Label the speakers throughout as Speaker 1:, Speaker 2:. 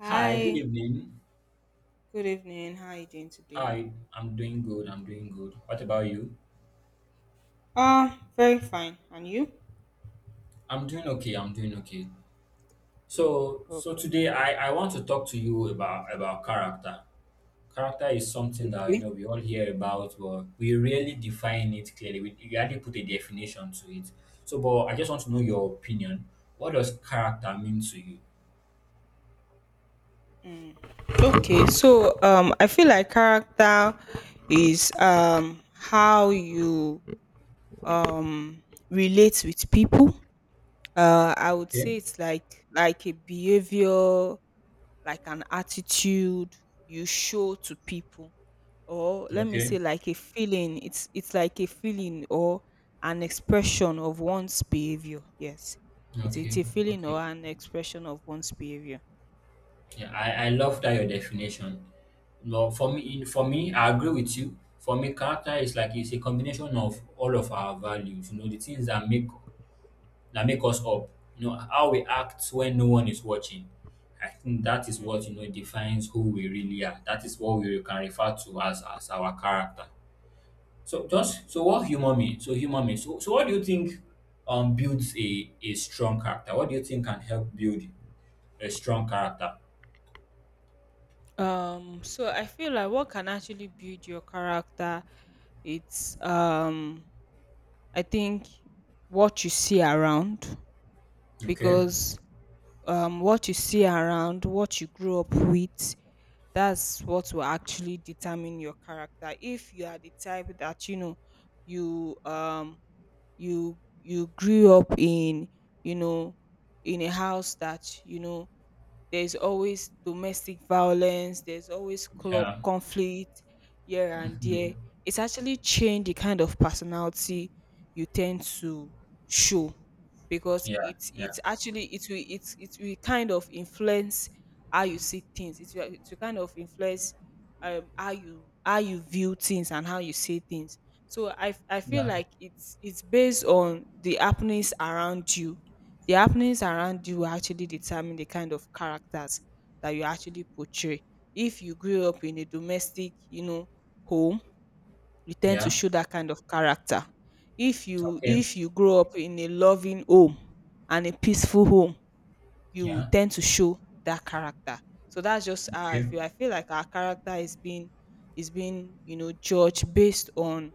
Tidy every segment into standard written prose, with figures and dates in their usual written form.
Speaker 1: Hi, good
Speaker 2: Hi,
Speaker 1: evening.
Speaker 2: good evening. How are you doing today?
Speaker 1: Hi, I'm doing good. I'm doing good. What about you?
Speaker 2: Very fine. And you?
Speaker 1: I'm doing okay. I'm doing okay. So
Speaker 2: Okay,
Speaker 1: today I want to talk to you about character. Character is something that you
Speaker 2: okay.
Speaker 1: know we all hear about, but we rarely define it clearly. We hardly put a definition to it. So, but I just want to know your opinion. What does character mean to you?
Speaker 2: Okay. I feel like character is how you um relate with people. I would
Speaker 1: Okay.
Speaker 2: say it's like a behavior, like an attitude you show to people, or let me
Speaker 1: Okay.
Speaker 2: say like a feeling. It's like a feeling or an expression of one's behavior. Yes, it's
Speaker 1: Okay.
Speaker 2: a feeling or
Speaker 1: Okay.
Speaker 2: an expression of one's behavior.
Speaker 1: Yeah, I love that your definition. No, for me, I agree with you. For me, character is like it's a combination of all of our values. You know, the things that make us up. You know, how we act when no one is watching. I think that is what
Speaker 2: Mm.
Speaker 1: defines who we really are. That is what we can refer to as our character. So just so what human means. So human means. So what do you think builds a strong character? What do you think can help build a strong character?
Speaker 2: So I feel like what can actually build your character, it's I think what you see around,
Speaker 1: Okay.
Speaker 2: because what you see around, what you grew up with, that's what will actually determine your character. If you are the type that, you know, you you grew up in, you know, in a house that, you know, there's always domestic violence, there's always
Speaker 1: Yeah.
Speaker 2: conflict here and there.
Speaker 1: Mhm.
Speaker 2: It's actually changed the kind of personality you tend to show, because
Speaker 1: Yeah. Yeah.
Speaker 2: it's actually it will it's it will kind of influence how you see things. It will kind of influence how you view things and how you see things. So I feel
Speaker 1: Yeah.
Speaker 2: like it's based on the happenings around you. The happenings around you will actually determine the kind of characters that you actually portray. If you grew up in a domestic, you know, home, you tend to
Speaker 1: Yeah.
Speaker 2: show that kind of character. If you
Speaker 1: Okay.
Speaker 2: grow up in a loving home and a peaceful home, you will
Speaker 1: Yeah.
Speaker 2: tend to show that character. So that's just how I
Speaker 1: Okay.
Speaker 2: feel. I feel like our character is being, you know, judged based on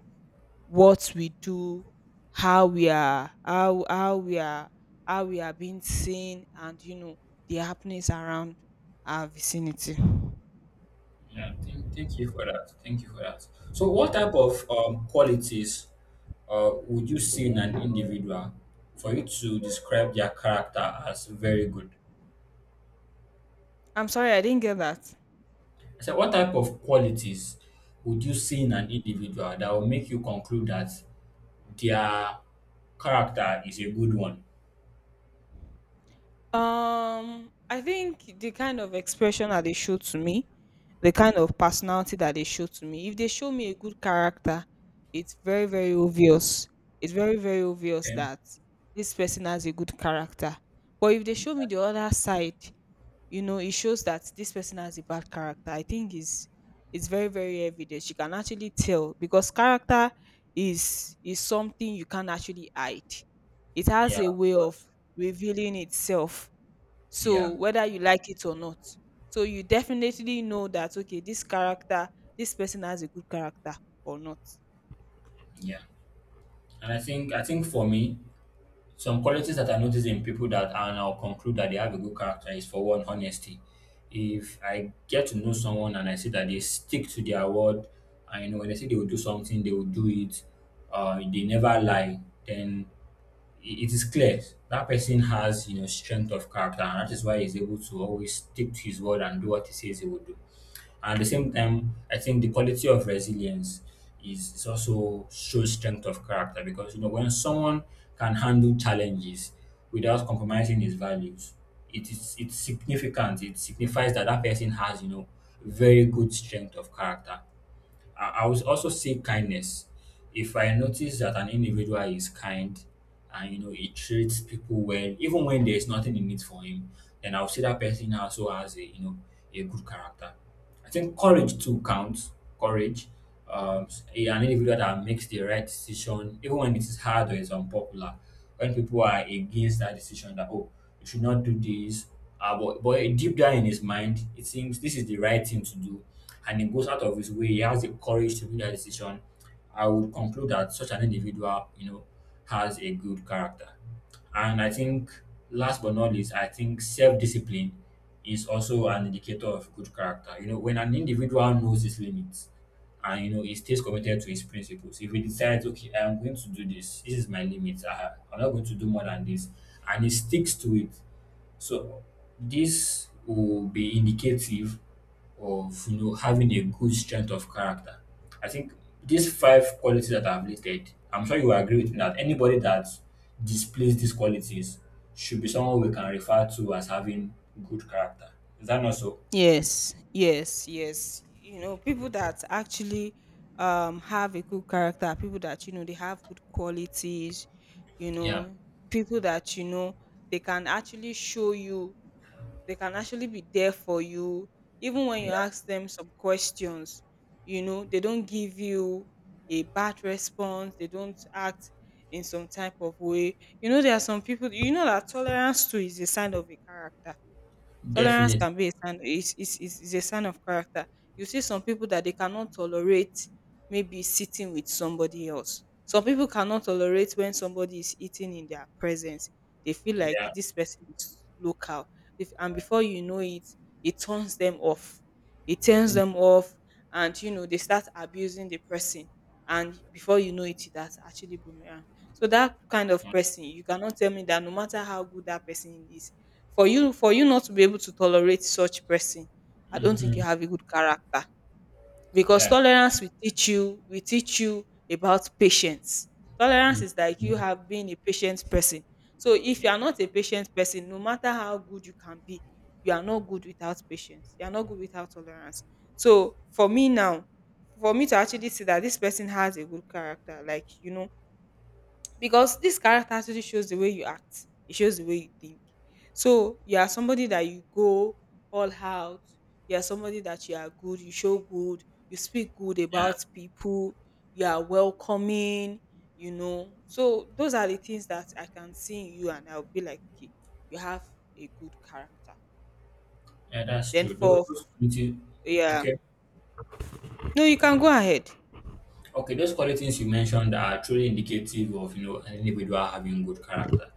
Speaker 2: what we do, how we are, how we are, how we are being seen, and, you know, the happenings around our vicinity.
Speaker 1: Yeah. Thank you for that. Thank you for that. So, what type of qualities would you see in an individual for you to describe their character as very good?
Speaker 2: I'm sorry, I didn't get that.
Speaker 1: I said, what type of qualities would you see in an individual that will make you conclude that their character is a good one?
Speaker 2: I think the kind of expression that they show to me, the kind of personality that they show to me, if they show me a good character, it's very, very obvious. It's very, very obvious
Speaker 1: Okay.
Speaker 2: that this person has a good character. But if they show me the other side, you know, it shows that this person has a bad character. I think is it's very, very evident. You can actually tell, because character is something you can actually hide. It has
Speaker 1: Yeah,
Speaker 2: a
Speaker 1: of
Speaker 2: way of
Speaker 1: course.
Speaker 2: revealing itself.
Speaker 1: Yeah,
Speaker 2: So whether you like it or not, so you definitely know that okay, this character, this person has a good character or not.
Speaker 1: yeah. And I think for me, some qualities that I notice in people that and I'll conclude that they have a good character is for one, honesty. If I get to know someone and I see that they stick to their word, and you know when they say they will do something, they will do it. They never lie. Then it is clear that person has you know strength of character, and that is why he's able to always stick to his word and do what he says he will do. And at the same time, I think the quality of resilience is also shows strength of character because you know when someone can handle challenges without compromising his values, it's significant. It signifies that that person has you know very good strength of character. I will also say kindness. If I notice that an individual is kind and you know he treats people well, even when there is nothing in it for him, then I'll see that person also has a you know a good character. I think courage too counts. Courage. An individual that makes the right decision, even when it is hard or it's unpopular, when people are against that decision, that oh, you should not do this, but deep down in his mind, it seems this is the right thing to do and he goes out of his way, he has the courage to make that decision, I would conclude that such an individual, you know, has a good character. And I think last but not least, I think self-discipline is also an indicator of good character. You know, when an individual knows his limits and you know he stays committed to his principles, if he decides, okay, I'm going to do this, this is my limit, I'm not going to do more than this, and he sticks to it, so this will be indicative of you know having a good strength of character. I think these five qualities that I've listed, I'm sure you will agree with me that anybody that displays these qualities should be someone we can refer to as having good character. Is that not so?
Speaker 2: Yes, yes, yes. You know, people that actually have a good character are people that, you know, they have good qualities, you
Speaker 1: Yeah.
Speaker 2: know, people that, you know, they can actually show you, they can actually be there for you even when you
Speaker 1: Yeah.
Speaker 2: ask them some questions. You know, they don't give you a bad response, they don't act in some type of way. You know, there are some people, you know, that tolerance too is a sign of a character. Tolerance
Speaker 1: Definitely.
Speaker 2: can be a sign, is a sign of character. You see some people that they cannot tolerate maybe sitting with somebody else. Some people cannot tolerate when somebody is eating in their presence. They feel like
Speaker 1: Yeah.
Speaker 2: this person is local. If, and before you know it, it turns them off. It turns
Speaker 1: Mm.
Speaker 2: them off, and you know they start abusing the person. And before you know it, that's actually boomerang. So that kind of
Speaker 1: Yeah.
Speaker 2: person, you cannot tell me that no matter how good that person is, for you not to be able to tolerate such person, I don't think you
Speaker 1: Mhm.
Speaker 2: have a good character, because
Speaker 1: Yeah.
Speaker 2: tolerance will teach you, will teach you about patience. Tolerance is like you
Speaker 1: Mhm.
Speaker 2: have been a patient person. So if you are not a patient person, no matter how good you can be, you are not good without patience. You are not good without tolerance. So for me now, for me to actually see that this person has a good character, like, you know, because this character actually shows the way you act, it shows the way you think. So you are somebody that you go all out, you are somebody that you are good, you show good, you speak good
Speaker 1: Yeah.
Speaker 2: about people, you are welcoming, you know. So those are the things that I can see in you, and I'll be like, okay, you have a good character.
Speaker 1: Yeah, that's
Speaker 2: Then
Speaker 1: true. Those,
Speaker 2: for
Speaker 1: those qualities,
Speaker 2: yeah,
Speaker 1: okay.
Speaker 2: no, you can go ahead.
Speaker 1: Okay, those qualities you mentioned are truly indicative of you know an individual having good character.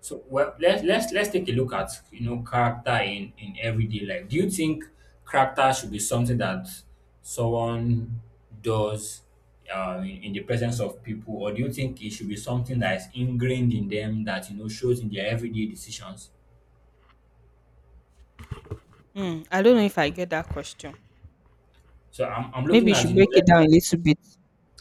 Speaker 1: So well, let's take a look at you know character in everyday life. Do you think character should be something that someone does in the presence of people, or do you think it should be something that is ingrained in them that you know shows in their everyday decisions?
Speaker 2: Mm, I don't know if I get that question.
Speaker 1: So I'm
Speaker 2: Maybe
Speaker 1: looking
Speaker 2: you
Speaker 1: at
Speaker 2: should
Speaker 1: you know
Speaker 2: break it
Speaker 1: let's look
Speaker 2: down a
Speaker 1: at
Speaker 2: little bit.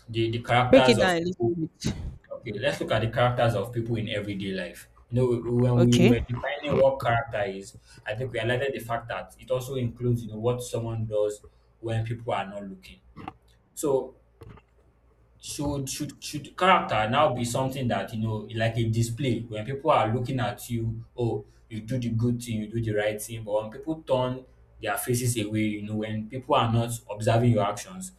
Speaker 1: the
Speaker 2: Break
Speaker 1: characters
Speaker 2: it down
Speaker 1: of
Speaker 2: a little
Speaker 1: people.
Speaker 2: bit.
Speaker 1: Okay, let's look at the characters of people in everyday life. You know, when we
Speaker 2: Okay.
Speaker 1: were defining what character is, I think we highlighted the fact that it also includes, you know, what someone does when people are not looking. So should character now be something that you know like a display when people are looking at you, oh, you do the good thing, you do the right thing, but when people turn their faces away, you know, when people are not observing your actions,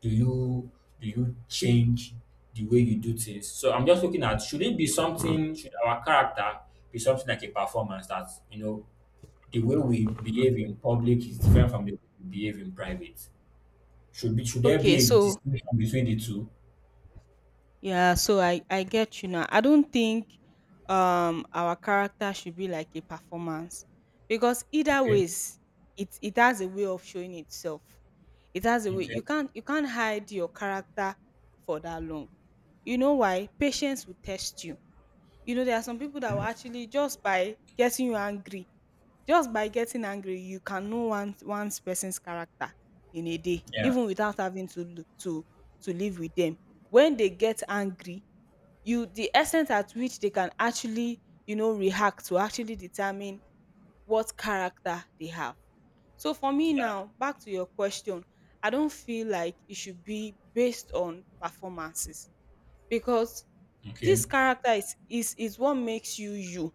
Speaker 1: do you do you change the way you do things? So I'm just looking at, should it be something, should our character be something like a performance that you know the way we behave in public is different from the way we behave in private? Should there be
Speaker 2: Okay,
Speaker 1: a
Speaker 2: so
Speaker 1: distinction between the two?
Speaker 2: yeah, so I get you now. I don't think our character should be like a performance, because either
Speaker 1: Okay.
Speaker 2: ways, it has a way of showing itself. It has a way,
Speaker 1: Okay.
Speaker 2: you can't hide your character for that long. You know why? Patience will test you. You know there are some people that will
Speaker 1: Okay.
Speaker 2: actually just by getting you angry, just by getting angry, you can know one person's character in a day,
Speaker 1: Yeah.
Speaker 2: even without having to to live with them. When they get angry, you the extent at which they can actually, you know, react to actually determine what character they have. So for me
Speaker 1: Yeah.
Speaker 2: now, back to your question, I don't feel like it should be based on performances, because
Speaker 1: Okay.
Speaker 2: this character is what makes you you.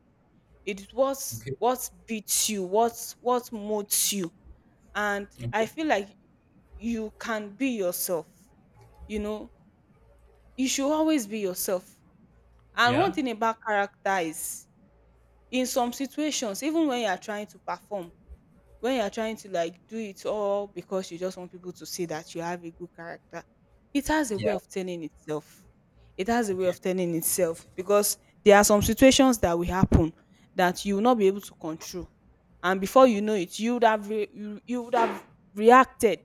Speaker 2: It's what,
Speaker 1: Okay.
Speaker 2: beats you, what, moves you. And
Speaker 1: Okay.
Speaker 2: I feel like you can be yourself. You know, you should always be yourself. And one
Speaker 1: Yeah.
Speaker 2: thing about character is, in some situations, even when you are trying to perform, when you're trying to like do it all because you just want people to see that you have a good character, it has a way
Speaker 1: Yeah.
Speaker 2: of turning itself. It has a way
Speaker 1: Okay.
Speaker 2: of turning itself, because there are some situations that will happen that you will not be able to control. And before you know it, you would have you would have reacted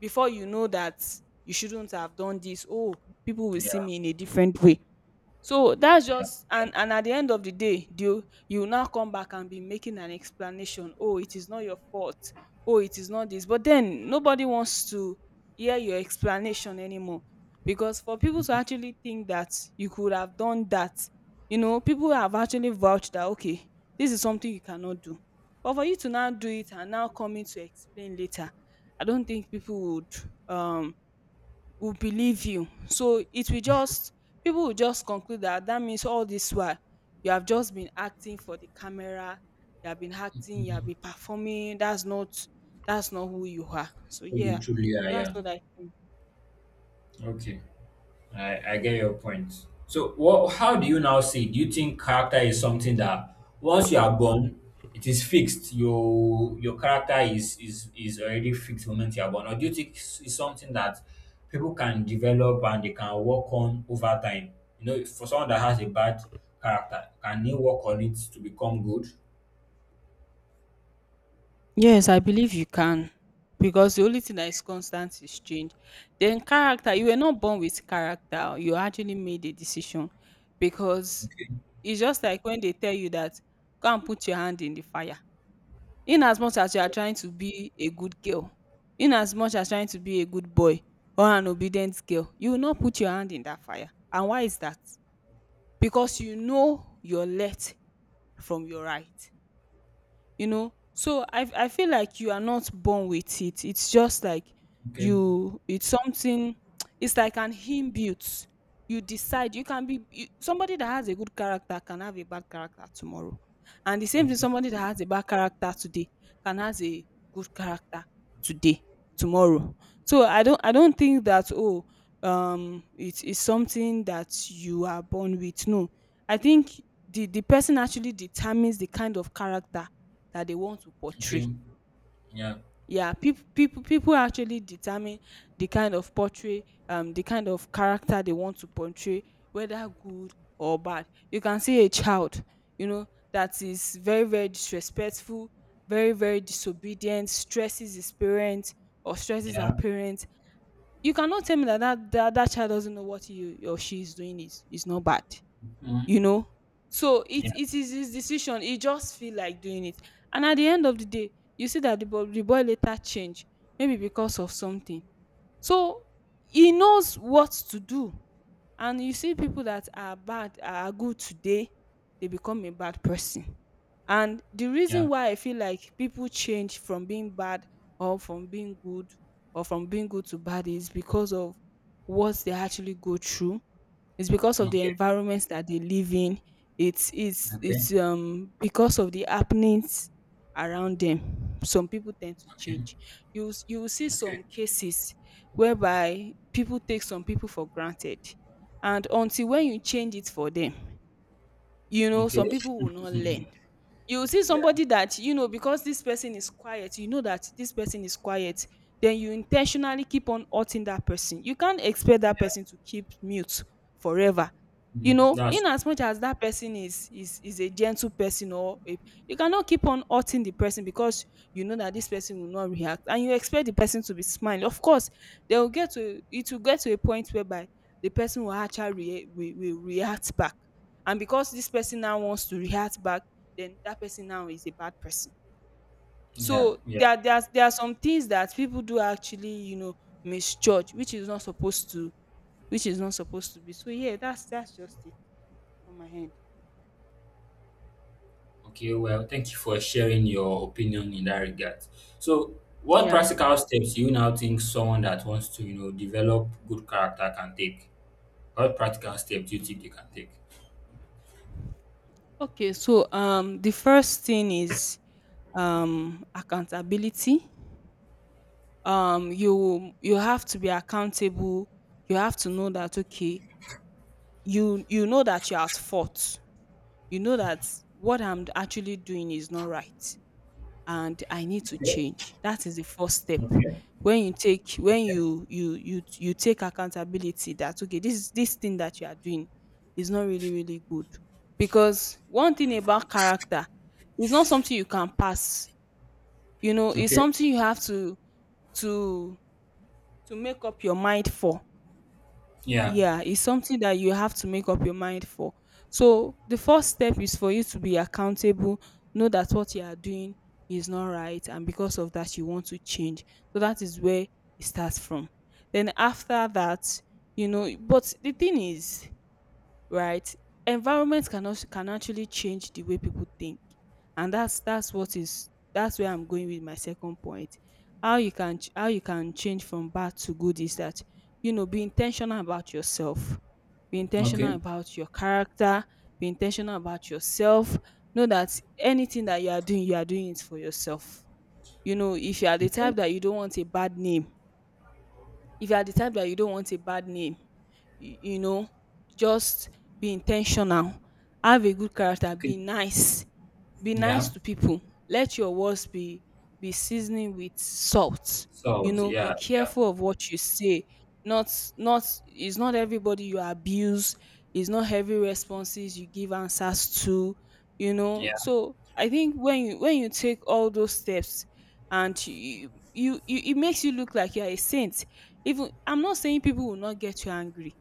Speaker 2: before you know that you shouldn't have done this. Oh, people will see
Speaker 1: Yeah.
Speaker 2: me in a different way. So that's
Speaker 1: Yeah.
Speaker 2: just,
Speaker 1: Yeah.
Speaker 2: and at the end of the day, you now come back and be making an explanation. Oh, it is not your fault. Oh, it is not this. But then nobody wants to hear your explanation anymore. Because for people to actually think that you could have done that, you know, people have actually vouched that okay, this is something you cannot do. But for you to now do it and now coming to explain later, I don't think people would um will believe you. So it will just, people will just conclude that that means all this while you have just been acting for the camera, you have been acting, you have
Speaker 1: Mhm.
Speaker 2: been performing. That's not, that's not who you are. So
Speaker 1: Who you
Speaker 2: yeah,
Speaker 1: truly are.
Speaker 2: that's
Speaker 1: Yeah.
Speaker 2: what I think.
Speaker 1: Okay. I get your point. So, how do you now see? Do you think character is something that once you are born, it is fixed? Your character is already fixed the moment you are born, or do you think it's something that people can develop and they can work on over time? You know, for someone that has a bad character, can he work on it to become good?
Speaker 2: Yes, I believe you can. Because the only thing that is constant is change. Then character, you were not born with character. You actually made a decision, because it's just like when they tell you that go and put your hand in the fire. In as much as you are trying to be a good girl, in as much as trying to be a good boy or an obedient girl, you will not put your hand in that fire. And why is that? Because you know your left from your right. You know, so I feel like you are not born with it. It's just like
Speaker 1: Okay,
Speaker 2: you, it's something, it's like an inbuilt. You decide. You can be you. Somebody that has a good character can have a bad character tomorrow, and the same thing,
Speaker 1: okay,
Speaker 2: somebody that has a bad character today can has a good character today, tomorrow. So I don't think that oh, it is something that you are born with. No, I think the person actually determines the kind of character that they want to
Speaker 1: okay.
Speaker 2: portray.
Speaker 1: Yeah,
Speaker 2: Yeah, people people actually determine the kind of portray the kind of character they want to portray, whether good or bad. You can see a child, you know, that is very, very disrespectful, very, very disobedient, stresses his parents or stresses her
Speaker 1: yeah,
Speaker 2: parents. You cannot tell me that that child doesn't know what you or she is doing is not bad
Speaker 1: mm,
Speaker 2: you know so it
Speaker 1: yeah,
Speaker 2: it is his decision. He just feel like doing it, and at the end of the day you see that the boy later change, maybe because of something. So he knows what to do. And you see people that are bad are good today, they become a bad person. And the
Speaker 1: yeah.
Speaker 2: reason why I feel like people change from being bad or from being good, or from being good to bad, is because of what they actually go through. It's because of the
Speaker 1: Okay,
Speaker 2: environment that they live in. it's it's
Speaker 1: okay,
Speaker 2: it's um because of the happenings around them. Some people tend to
Speaker 1: okay,
Speaker 2: change. You will see
Speaker 1: okay,
Speaker 2: some cases whereby people take some people for granted, and until when you change it for them, you know,
Speaker 1: okay.
Speaker 2: some people will not learn. You see
Speaker 1: Yeah.
Speaker 2: somebody that you know, because this person is quiet, you know that this person is quiet, then you intentionally keep on hurting that person. You can't expect that
Speaker 1: Yeah.
Speaker 2: person to keep mute forever. You
Speaker 1: Mhm.
Speaker 2: know,
Speaker 1: That's
Speaker 2: in as much as that person is a gentle person, you cannot keep on hurting the person because you know that this person will not react, and you expect the person to be smiling. Of course, they will get to, it will get to a point whereby the person will actually will react back. And because this person now wants to react back, then that person now is a bad person.
Speaker 1: yeah,
Speaker 2: So
Speaker 1: yeah.
Speaker 2: there are some things that people do actually, you know, misjudge, which is not supposed to, which is not supposed to be. So yeah, that's just it from my end.
Speaker 1: Okay, well, thank you for sharing your opinion in that regard. So, what
Speaker 2: Yeah.
Speaker 1: practical steps do you now think someone that wants to, you know, develop good character can take? What practical steps do you think they can take?
Speaker 2: Okay. So the first thing is accountability. You have to be accountable. You have to know that okay, you know that you're at fault. You know that what I'm actually doing is not right, and I need to
Speaker 1: Okay.
Speaker 2: change. That is the first step.
Speaker 1: Okay.
Speaker 2: When you take, when
Speaker 1: Okay.
Speaker 2: you take accountability that okay, this thing that you are doing is not really, really good. Because one thing about character is not something you can pass. You know, it's
Speaker 1: Okay.
Speaker 2: something you have to to make up your mind for.
Speaker 1: Yeah.
Speaker 2: Yeah, it's something that you have to make up your mind for. So the first step is for you to be accountable, know that what you are doing is not right, and because of that, you want to change. So that is where it starts from. Then after that, you know, but the thing is, right? Environment can also, can actually change the way people think, and that's what is that's where I'm going with my second point. How you can change from bad to good is that, you know, be intentional about yourself, be
Speaker 1: Okay.
Speaker 2: intentional about your character, be intentional about yourself. Know that anything that you are doing it for yourself. You know, if you are the type
Speaker 1: Okay.
Speaker 2: that you don't want a bad name, if you are the type that you don't want a bad name, you know, just be intentional. Have a good character.
Speaker 1: Okay.
Speaker 2: Be nice. Be nice
Speaker 1: Yeah.
Speaker 2: to people. Let your words be seasoning with salt. You
Speaker 1: So,
Speaker 2: know, be
Speaker 1: yeah, yeah,
Speaker 2: careful of what you say. Not, not, it's not everybody you abuse. It's not every responses you give answers to. You know,
Speaker 1: yeah,
Speaker 2: so I think when you take all those steps, and you it makes you look like you're a saint. Even, I'm not saying people will not get you angry.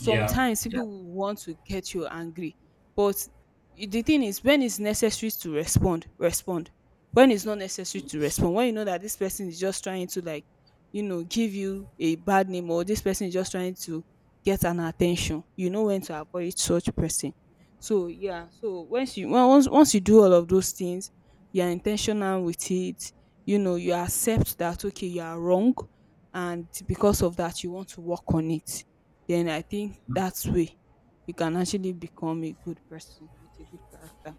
Speaker 1: yeah, yeah.
Speaker 2: people will want to get you angry, but the thing is, when it's necessary to respond, respond; when it's not necessary to respond, when you know that this person is just trying to, like, you know, give you a bad name, or this person is just trying to get an attention, you know when to avoid such person. So yeah, so once you, well, once you do all of those things, you are intentional with it, you know, you accept that okay, you are wrong, and because of that, you want to work on it, then I think that's way you can actually become a good person with a good character.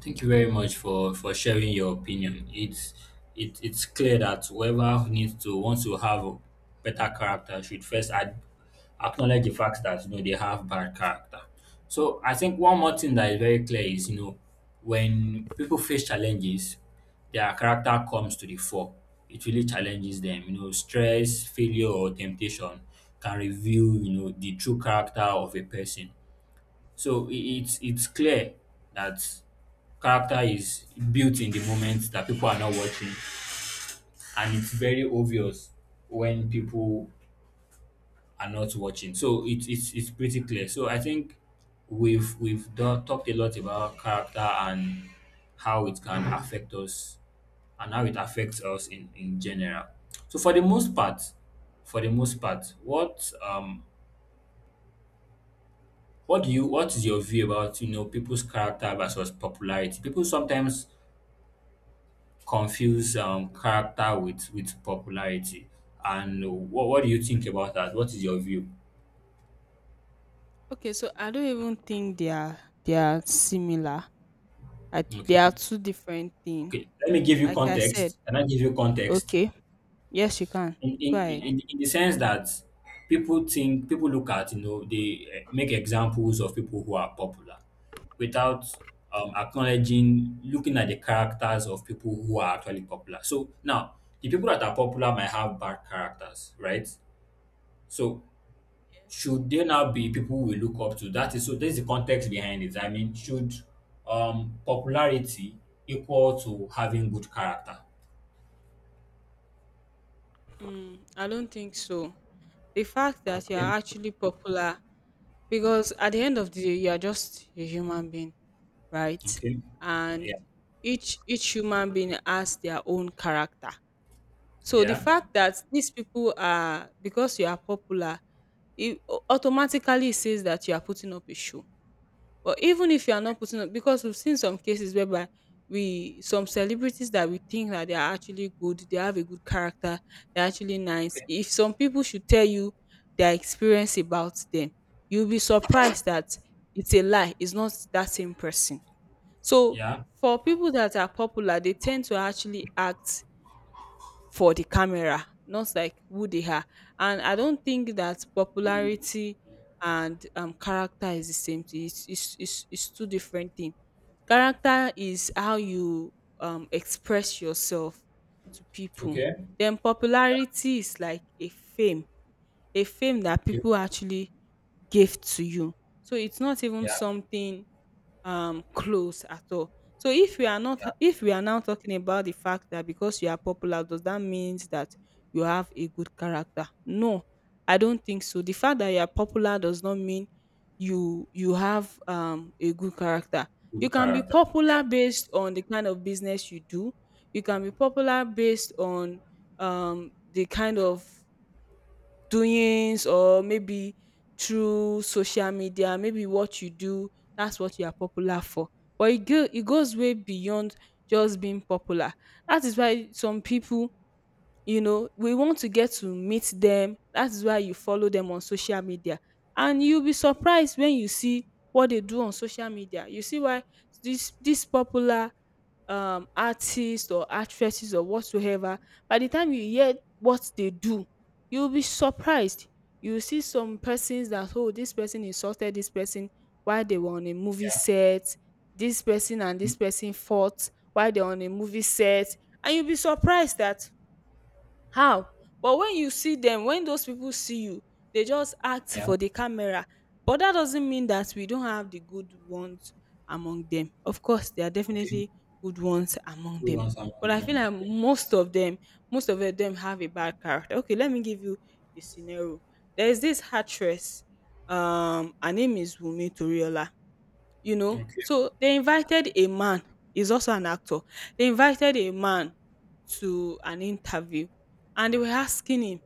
Speaker 1: Thank you very much for sharing your opinion. It's clear that whoever needs to wants to have a better character should first acknowledge the fact that you know they have bad character. So I think one more thing that is very clear is you know when people face challenges, their character comes to the fore. It really challenges them. You know, stress, failure, or temptation can reveal you know the true character of a person. So it's clear that character is built in the moment that people are not watching, and it's very obvious when people are not watching. So it's pretty clear. So I think we've talked a lot about character and how it can affect us, and how it affects us in general. So for the most part, what is your view about you know people's character versus popularity? People sometimes confuse character with popularity. And what do you think about that? What is your view?
Speaker 2: Okay, so I don't even think they are, they are similar. I, they
Speaker 1: Okay,
Speaker 2: are two different things.
Speaker 1: okay. Let me give you
Speaker 2: Like I said,
Speaker 1: context. Can I give you context?
Speaker 2: okay, yes, you can
Speaker 1: In in,
Speaker 2: go ahead.
Speaker 1: in, in the sense that people think people look at, you know, they make examples of people who are popular without acknowledging looking at the characters of people who are actually popular. So now the people that are popular might have bad characters, right? So
Speaker 2: Yes.
Speaker 1: should they now be people we look up to? That is so There's the context behind it. I mean, should popularity equal to having good character?
Speaker 2: Mm, I don't think so. The fact that you
Speaker 1: Okay.
Speaker 2: are actually popular, because at the end of the day, you are just a human being, right?
Speaker 1: Okay.
Speaker 2: And
Speaker 1: Yeah.
Speaker 2: each human being has their own character. So the
Speaker 1: Yeah.
Speaker 2: fact that these people are, because you are popular, it automatically says that you are putting up a show. But even if you are not putting up, because we've seen some cases whereby we, some celebrities that we think that they are actually good, they have a good character, they're actually nice.
Speaker 1: Okay.
Speaker 2: If some people should tell you their experience about them, you'll be surprised that it's a lie. It's not that same person. So
Speaker 1: Yeah.
Speaker 2: for people that are popular, they tend to actually act for the camera, not like who they are. And I don't think that popularity and character is the same thing. It's two different things. Character is how you express yourself to people.
Speaker 1: Okay.
Speaker 2: Then
Speaker 1: Yeah.
Speaker 2: popularity is like a fame that
Speaker 1: Okay.
Speaker 2: people actually give to you. So it's not even
Speaker 1: Yeah.
Speaker 2: something close at all. So if we are not,
Speaker 1: Yeah.
Speaker 2: if we are now talking about the fact that, because you are popular, does that means that you have a good character? No, I don't think so. The fact that you are popular does not mean you, you have a good character. You
Speaker 1: Good
Speaker 2: can be
Speaker 1: character. Yeah.
Speaker 2: popular based on the kind of business you do. You can be popular based on the kind of doings, or maybe through social media, maybe what you do, that's what you are popular for. But it, go, it goes way beyond just being popular. That is why some people, you know, we want to get to meet them, that's why you follow them on social media, and you'll be surprised when you see what they do on social media. You see why this popular artists or actresses or whatsoever, by the time you hear what they do, you'll be surprised. You see some persons that oh, this person insulted this person while they were on a movie
Speaker 1: Yeah.
Speaker 2: set, this person and
Speaker 1: Mm.
Speaker 2: this person fought while they're on a movie set, and you'll be surprised that how? But when you see them, when those people see you, they just act
Speaker 1: Yeah.
Speaker 2: for the camera. But that doesn't mean that we don't have the good ones among them. Of course, there are
Speaker 1: Okay.
Speaker 2: definitely good ones among
Speaker 1: Good
Speaker 2: them.
Speaker 1: ones among
Speaker 2: But I feel
Speaker 1: them.
Speaker 2: like
Speaker 1: Okay.
Speaker 2: most of them have a bad character. Okay, let me give you a scenario. There is this actress, her name is Wunmi Toriola, you know.
Speaker 1: Okay.
Speaker 2: So they invited a man, he's also an actor. They invited a man to an interview, and they were asking him,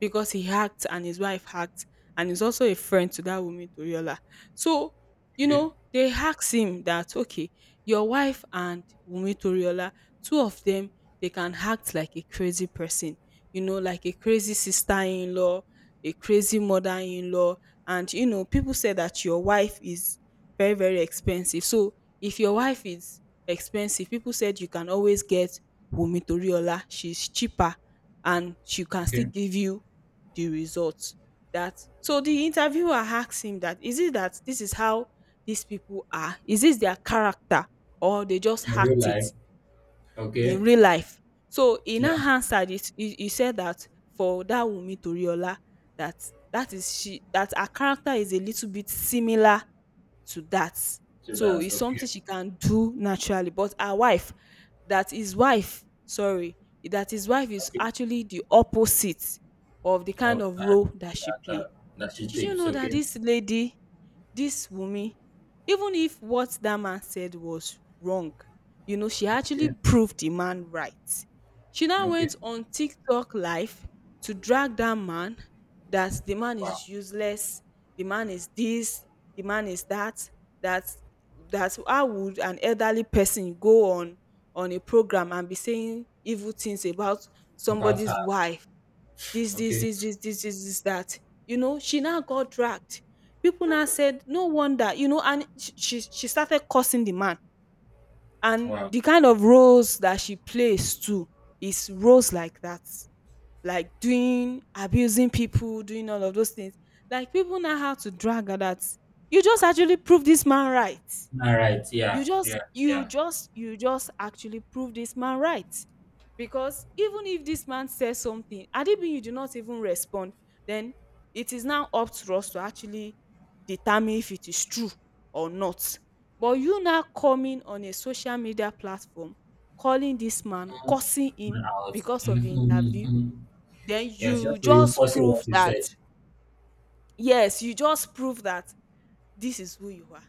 Speaker 2: because he hacked and his wife hacked, and he's also a friend to that woman Toriola. So, you
Speaker 1: Okay.
Speaker 2: know, they asked him that okay, your wife and Wumi Toriola, two of them, they can act like a crazy person, you know, like a crazy sister-in-law, a crazy mother-in-law, and you know people say that your wife is very, very expensive. So if your wife is expensive, people said you can always get Wunmi Toriola. She's cheaper and she can still
Speaker 1: Okay.
Speaker 2: give you the results. That, so the interviewer asks him that is it that this is how these people are? Is this their character, or they just
Speaker 1: In real
Speaker 2: hacked
Speaker 1: life.
Speaker 2: it?
Speaker 1: Okay.
Speaker 2: In real life. So in her
Speaker 1: Yeah.
Speaker 2: answer, he, he said that for that Wumi Toriola, that that is she, that her character is a little bit similar to that.
Speaker 1: So
Speaker 2: So
Speaker 1: that's
Speaker 2: it's something
Speaker 1: okay.
Speaker 2: she can do naturally. But her wife, that his wife, sorry, that his wife is
Speaker 1: Okay.
Speaker 2: actually the opposite of the kind
Speaker 1: Of
Speaker 2: of
Speaker 1: that,
Speaker 2: role
Speaker 1: the
Speaker 2: that she play.
Speaker 1: character that she
Speaker 2: Did you
Speaker 1: takes.
Speaker 2: know that
Speaker 1: Okay.
Speaker 2: this lady, this Wunmi, even if what that man said was wrong, you know, she
Speaker 1: Okay.
Speaker 2: actually proved the man right. She now
Speaker 1: Okay.
Speaker 2: went on TikTok live to drag that man, that the man
Speaker 1: Wow.
Speaker 2: is useless, the man is this, the man is that, that, that how would an elderly person go on a program and be saying evil things about
Speaker 1: About her.
Speaker 2: somebody's wife, this, this,
Speaker 1: Okay.
Speaker 2: this, this, this, this, this, that. You know, she now got dragged. People now said, no wonder, you know, and she started cursing the man. And
Speaker 1: Wow.
Speaker 2: the kind of roles that she plays too is roles like that, like doing, abusing people, doing all of those things. Like people now have to drag her that you just actually prove this man right.
Speaker 1: All right.
Speaker 2: You
Speaker 1: Yeah.
Speaker 2: just
Speaker 1: Yeah.
Speaker 2: you
Speaker 1: Yeah.
Speaker 2: just you just actually prove this man right. Because even if this man says something, and even you do not even respond, then it is now up to us to actually determine if it is true or not. But you now coming on a social media platform, calling this man,
Speaker 1: Mhm.
Speaker 2: cursing
Speaker 1: Coming
Speaker 2: him
Speaker 1: out.
Speaker 2: because of the
Speaker 1: Mm-hmm,
Speaker 2: interview,
Speaker 1: hmm.
Speaker 2: then
Speaker 1: Yeah. It's
Speaker 2: you
Speaker 1: just
Speaker 2: just
Speaker 1: reinforcing what
Speaker 2: prove
Speaker 1: you
Speaker 2: that,
Speaker 1: said.
Speaker 2: yes, you just prove that this is who you are.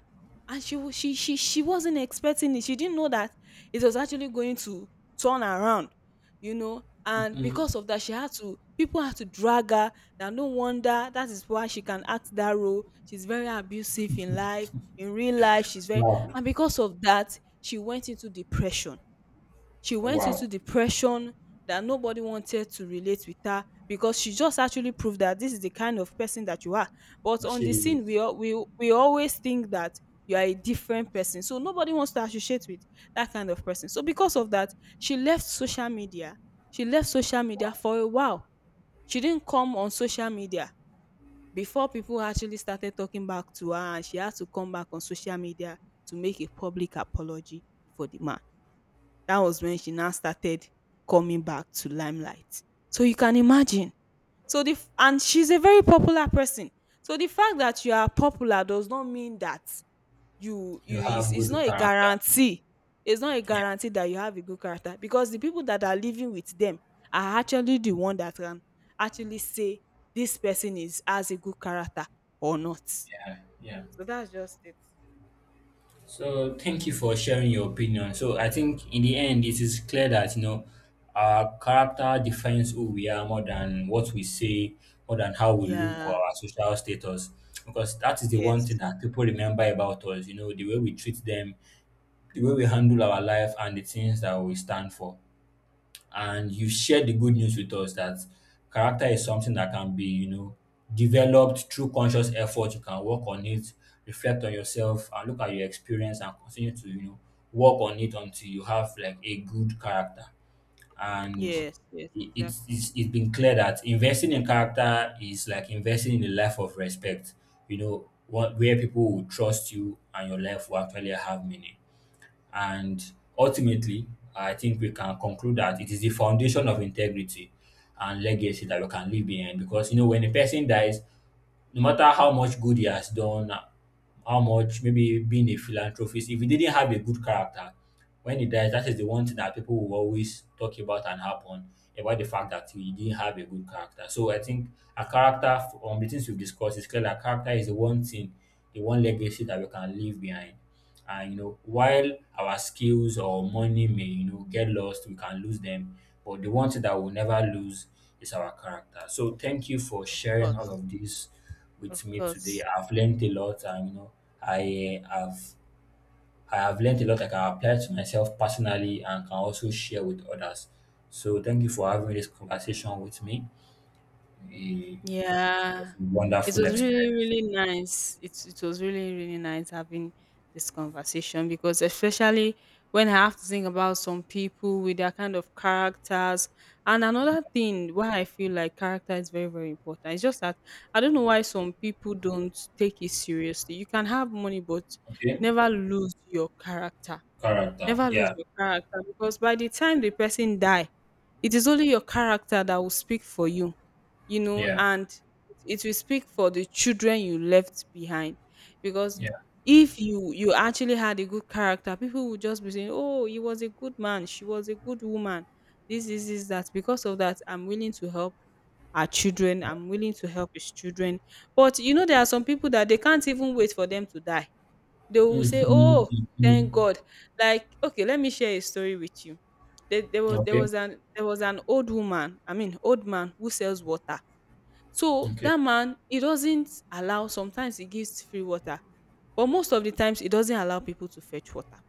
Speaker 2: And she wasn't expecting it. She didn't know that it was actually going to turn around, and
Speaker 1: Hmm.
Speaker 2: because of that she had to, people had to drag her that no wonder, that is why she can act that role. She's very abusive in life, in real life she's very.
Speaker 1: Wow.
Speaker 2: And because of that, she went into depression. She went
Speaker 1: Wow.
Speaker 2: into depression, that nobody wanted to relate with her, because she just actually proved that this is the kind of person that you are. But on the
Speaker 1: She is.
Speaker 2: scene, we always think that you are a different person, so nobody wants to associate with that kind of person. So because of that, she left social media. She left social media for a while. She didn't come on social media before people actually started talking back to her, and she had to come back on social media to make a public apology for the man. That was when she now started coming back to limelight. So you can imagine. And she's a very popular person. So the fact that you are popular does not mean that you
Speaker 1: You
Speaker 2: you it's,
Speaker 1: have
Speaker 2: it's
Speaker 1: good
Speaker 2: not a
Speaker 1: character.
Speaker 2: guarantee. It's not a
Speaker 1: Yeah.
Speaker 2: guarantee that you have a good character, because the people that are living with them are actually the one that can actually say this person is, has a good character or not.
Speaker 1: Yeah. Yeah.
Speaker 2: So that's just it.
Speaker 1: So thank you for sharing your opinion. So I think in the end, it is clear that you know our character defines who we are more than what we say, more than how we look or
Speaker 2: Yeah.
Speaker 1: our social status. Because that is the one thing
Speaker 2: Yes.
Speaker 1: that people remember about us. You know, the way we treat them, the way we handle our life, and the things that we stand for. And you've shared the good news with us that character is something that can be you know developed through conscious effort. You can work on it, reflect on yourself and look at your experience, and continue to you know work on it until you have like a good character. And
Speaker 2: Yes. Yes.
Speaker 1: it,
Speaker 2: Exactly.
Speaker 1: it's been clear that investing in character is like investing in a life of respect, you know where people will trust you and your life will actually have meaning. And ultimately, I think we can conclude that it is the foundation of integrity and legacy that we can leave behind. Because you know, when a person dies, no matter how much good he has done, how much maybe being a philanthropist, if he didn't have a good character, when he dies, that is the one thing that people will always talk about and happen about, the fact that he didn't have a good character. So I think a character, from the things we've discussed, is clear that character is the one thing, the one legacy that we can leave behind. And you know, while our skills or money may you know get lost, we can lose them, but the one thing that we'll never lose is our character. So thank you for
Speaker 2: Of
Speaker 1: sharing all
Speaker 2: course,
Speaker 1: of this with
Speaker 2: of
Speaker 1: me today.
Speaker 2: course.
Speaker 1: I've learned a lot, and you know i uh, have I have learned a lot I can apply to myself personally and can also share with others. So thank you for having this conversation with me. It was
Speaker 2: Yeah,
Speaker 1: a
Speaker 2: it
Speaker 1: wonderful
Speaker 2: was really,
Speaker 1: experience.
Speaker 2: really nice. It was really, really nice having this conversation, because especially when I have to think about some people with their kind of characters. And another thing why I feel like character is very, very important. It's just that I don't know why some people don't take it seriously. You can have money, but
Speaker 1: Okay.
Speaker 2: never lose your character.
Speaker 1: Character.
Speaker 2: Never lose
Speaker 1: Yeah.
Speaker 2: your character, because by the time the person die, it is only your character that will speak for you, you know,
Speaker 1: Yeah.
Speaker 2: and it will speak for the children you left behind. Because
Speaker 1: Yeah.
Speaker 2: if you actually had a good character, people would just be saying, "Oh, he was a good man. She was a good woman. This, that." Because of that, I'm willing to help our children. I'm willing to help his children. But you know, there are some people that they can't even wait for them to die. They will
Speaker 1: Mhm,
Speaker 2: say, "Oh, thank
Speaker 1: mhm.
Speaker 2: God!" Like, okay, let me share a story with you. There,
Speaker 1: Okay.
Speaker 2: there was an old woman, I mean, old man who sells water. So
Speaker 1: Okay.
Speaker 2: that man, he doesn't allow, sometimes he gives free water, but most of the times he doesn't allow people to fetch water.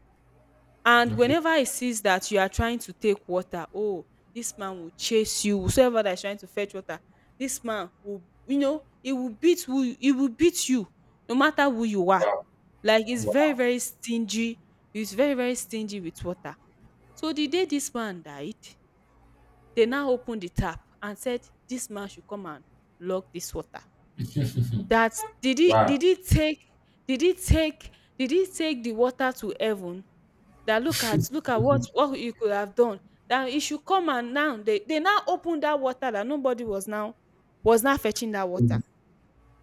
Speaker 2: And
Speaker 1: Okay.
Speaker 2: whenever he sees that you are trying to take water, oh, this man will chase you. Whoever that is trying to fetch water, this man will, you know, he will beat you, no matter who you are.
Speaker 1: Wow.
Speaker 2: Like he's very,
Speaker 1: Wow.
Speaker 2: very stingy. He's very, very stingy with water. So the day this man died, they now opened the tap and said, this man should come and log this water. that did he
Speaker 1: Wow.
Speaker 2: did he take did he take did he take the water to heaven? That look at what what you could have done. That it should come, and now they now open that water, that nobody was now, was now fetching that water.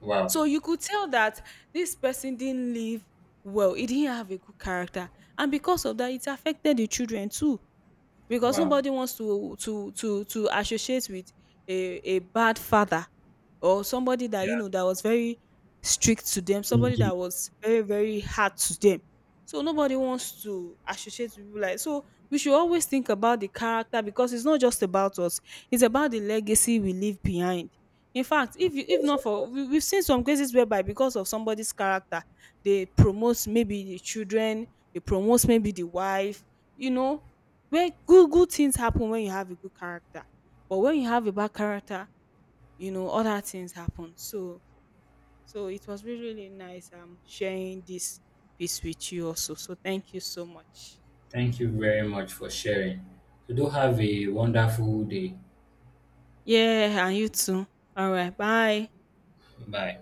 Speaker 1: Wow.
Speaker 2: So you could tell that this person didn't live well. He didn't have a good character, and because of that it affected the children too, because
Speaker 1: Wow.
Speaker 2: nobody wants to associate with a bad father, or somebody that you
Speaker 1: Yeah.
Speaker 2: know that was very strict to them, somebody
Speaker 1: Indeed.
Speaker 2: that was very, very hard to them. So nobody wants to associate with people like. So we should always think about the character, because it's not just about us, it's about the legacy we leave behind. In fact,
Speaker 1: Of
Speaker 2: if you, if
Speaker 1: course.
Speaker 2: not
Speaker 1: Of
Speaker 2: for
Speaker 1: course.
Speaker 2: we, we've seen some cases whereby because of somebody's character they promote maybe the children, they promote maybe the wife, you know, where good things happen when you have a good character. But when you have a bad character, you know, other things happen. So so it was really, really nice sharing this piece with you also, so thank you so much.
Speaker 1: Thank you very much for sharing. So do have a wonderful day.
Speaker 2: Yeah, and you too. All right, bye.
Speaker 1: Bye.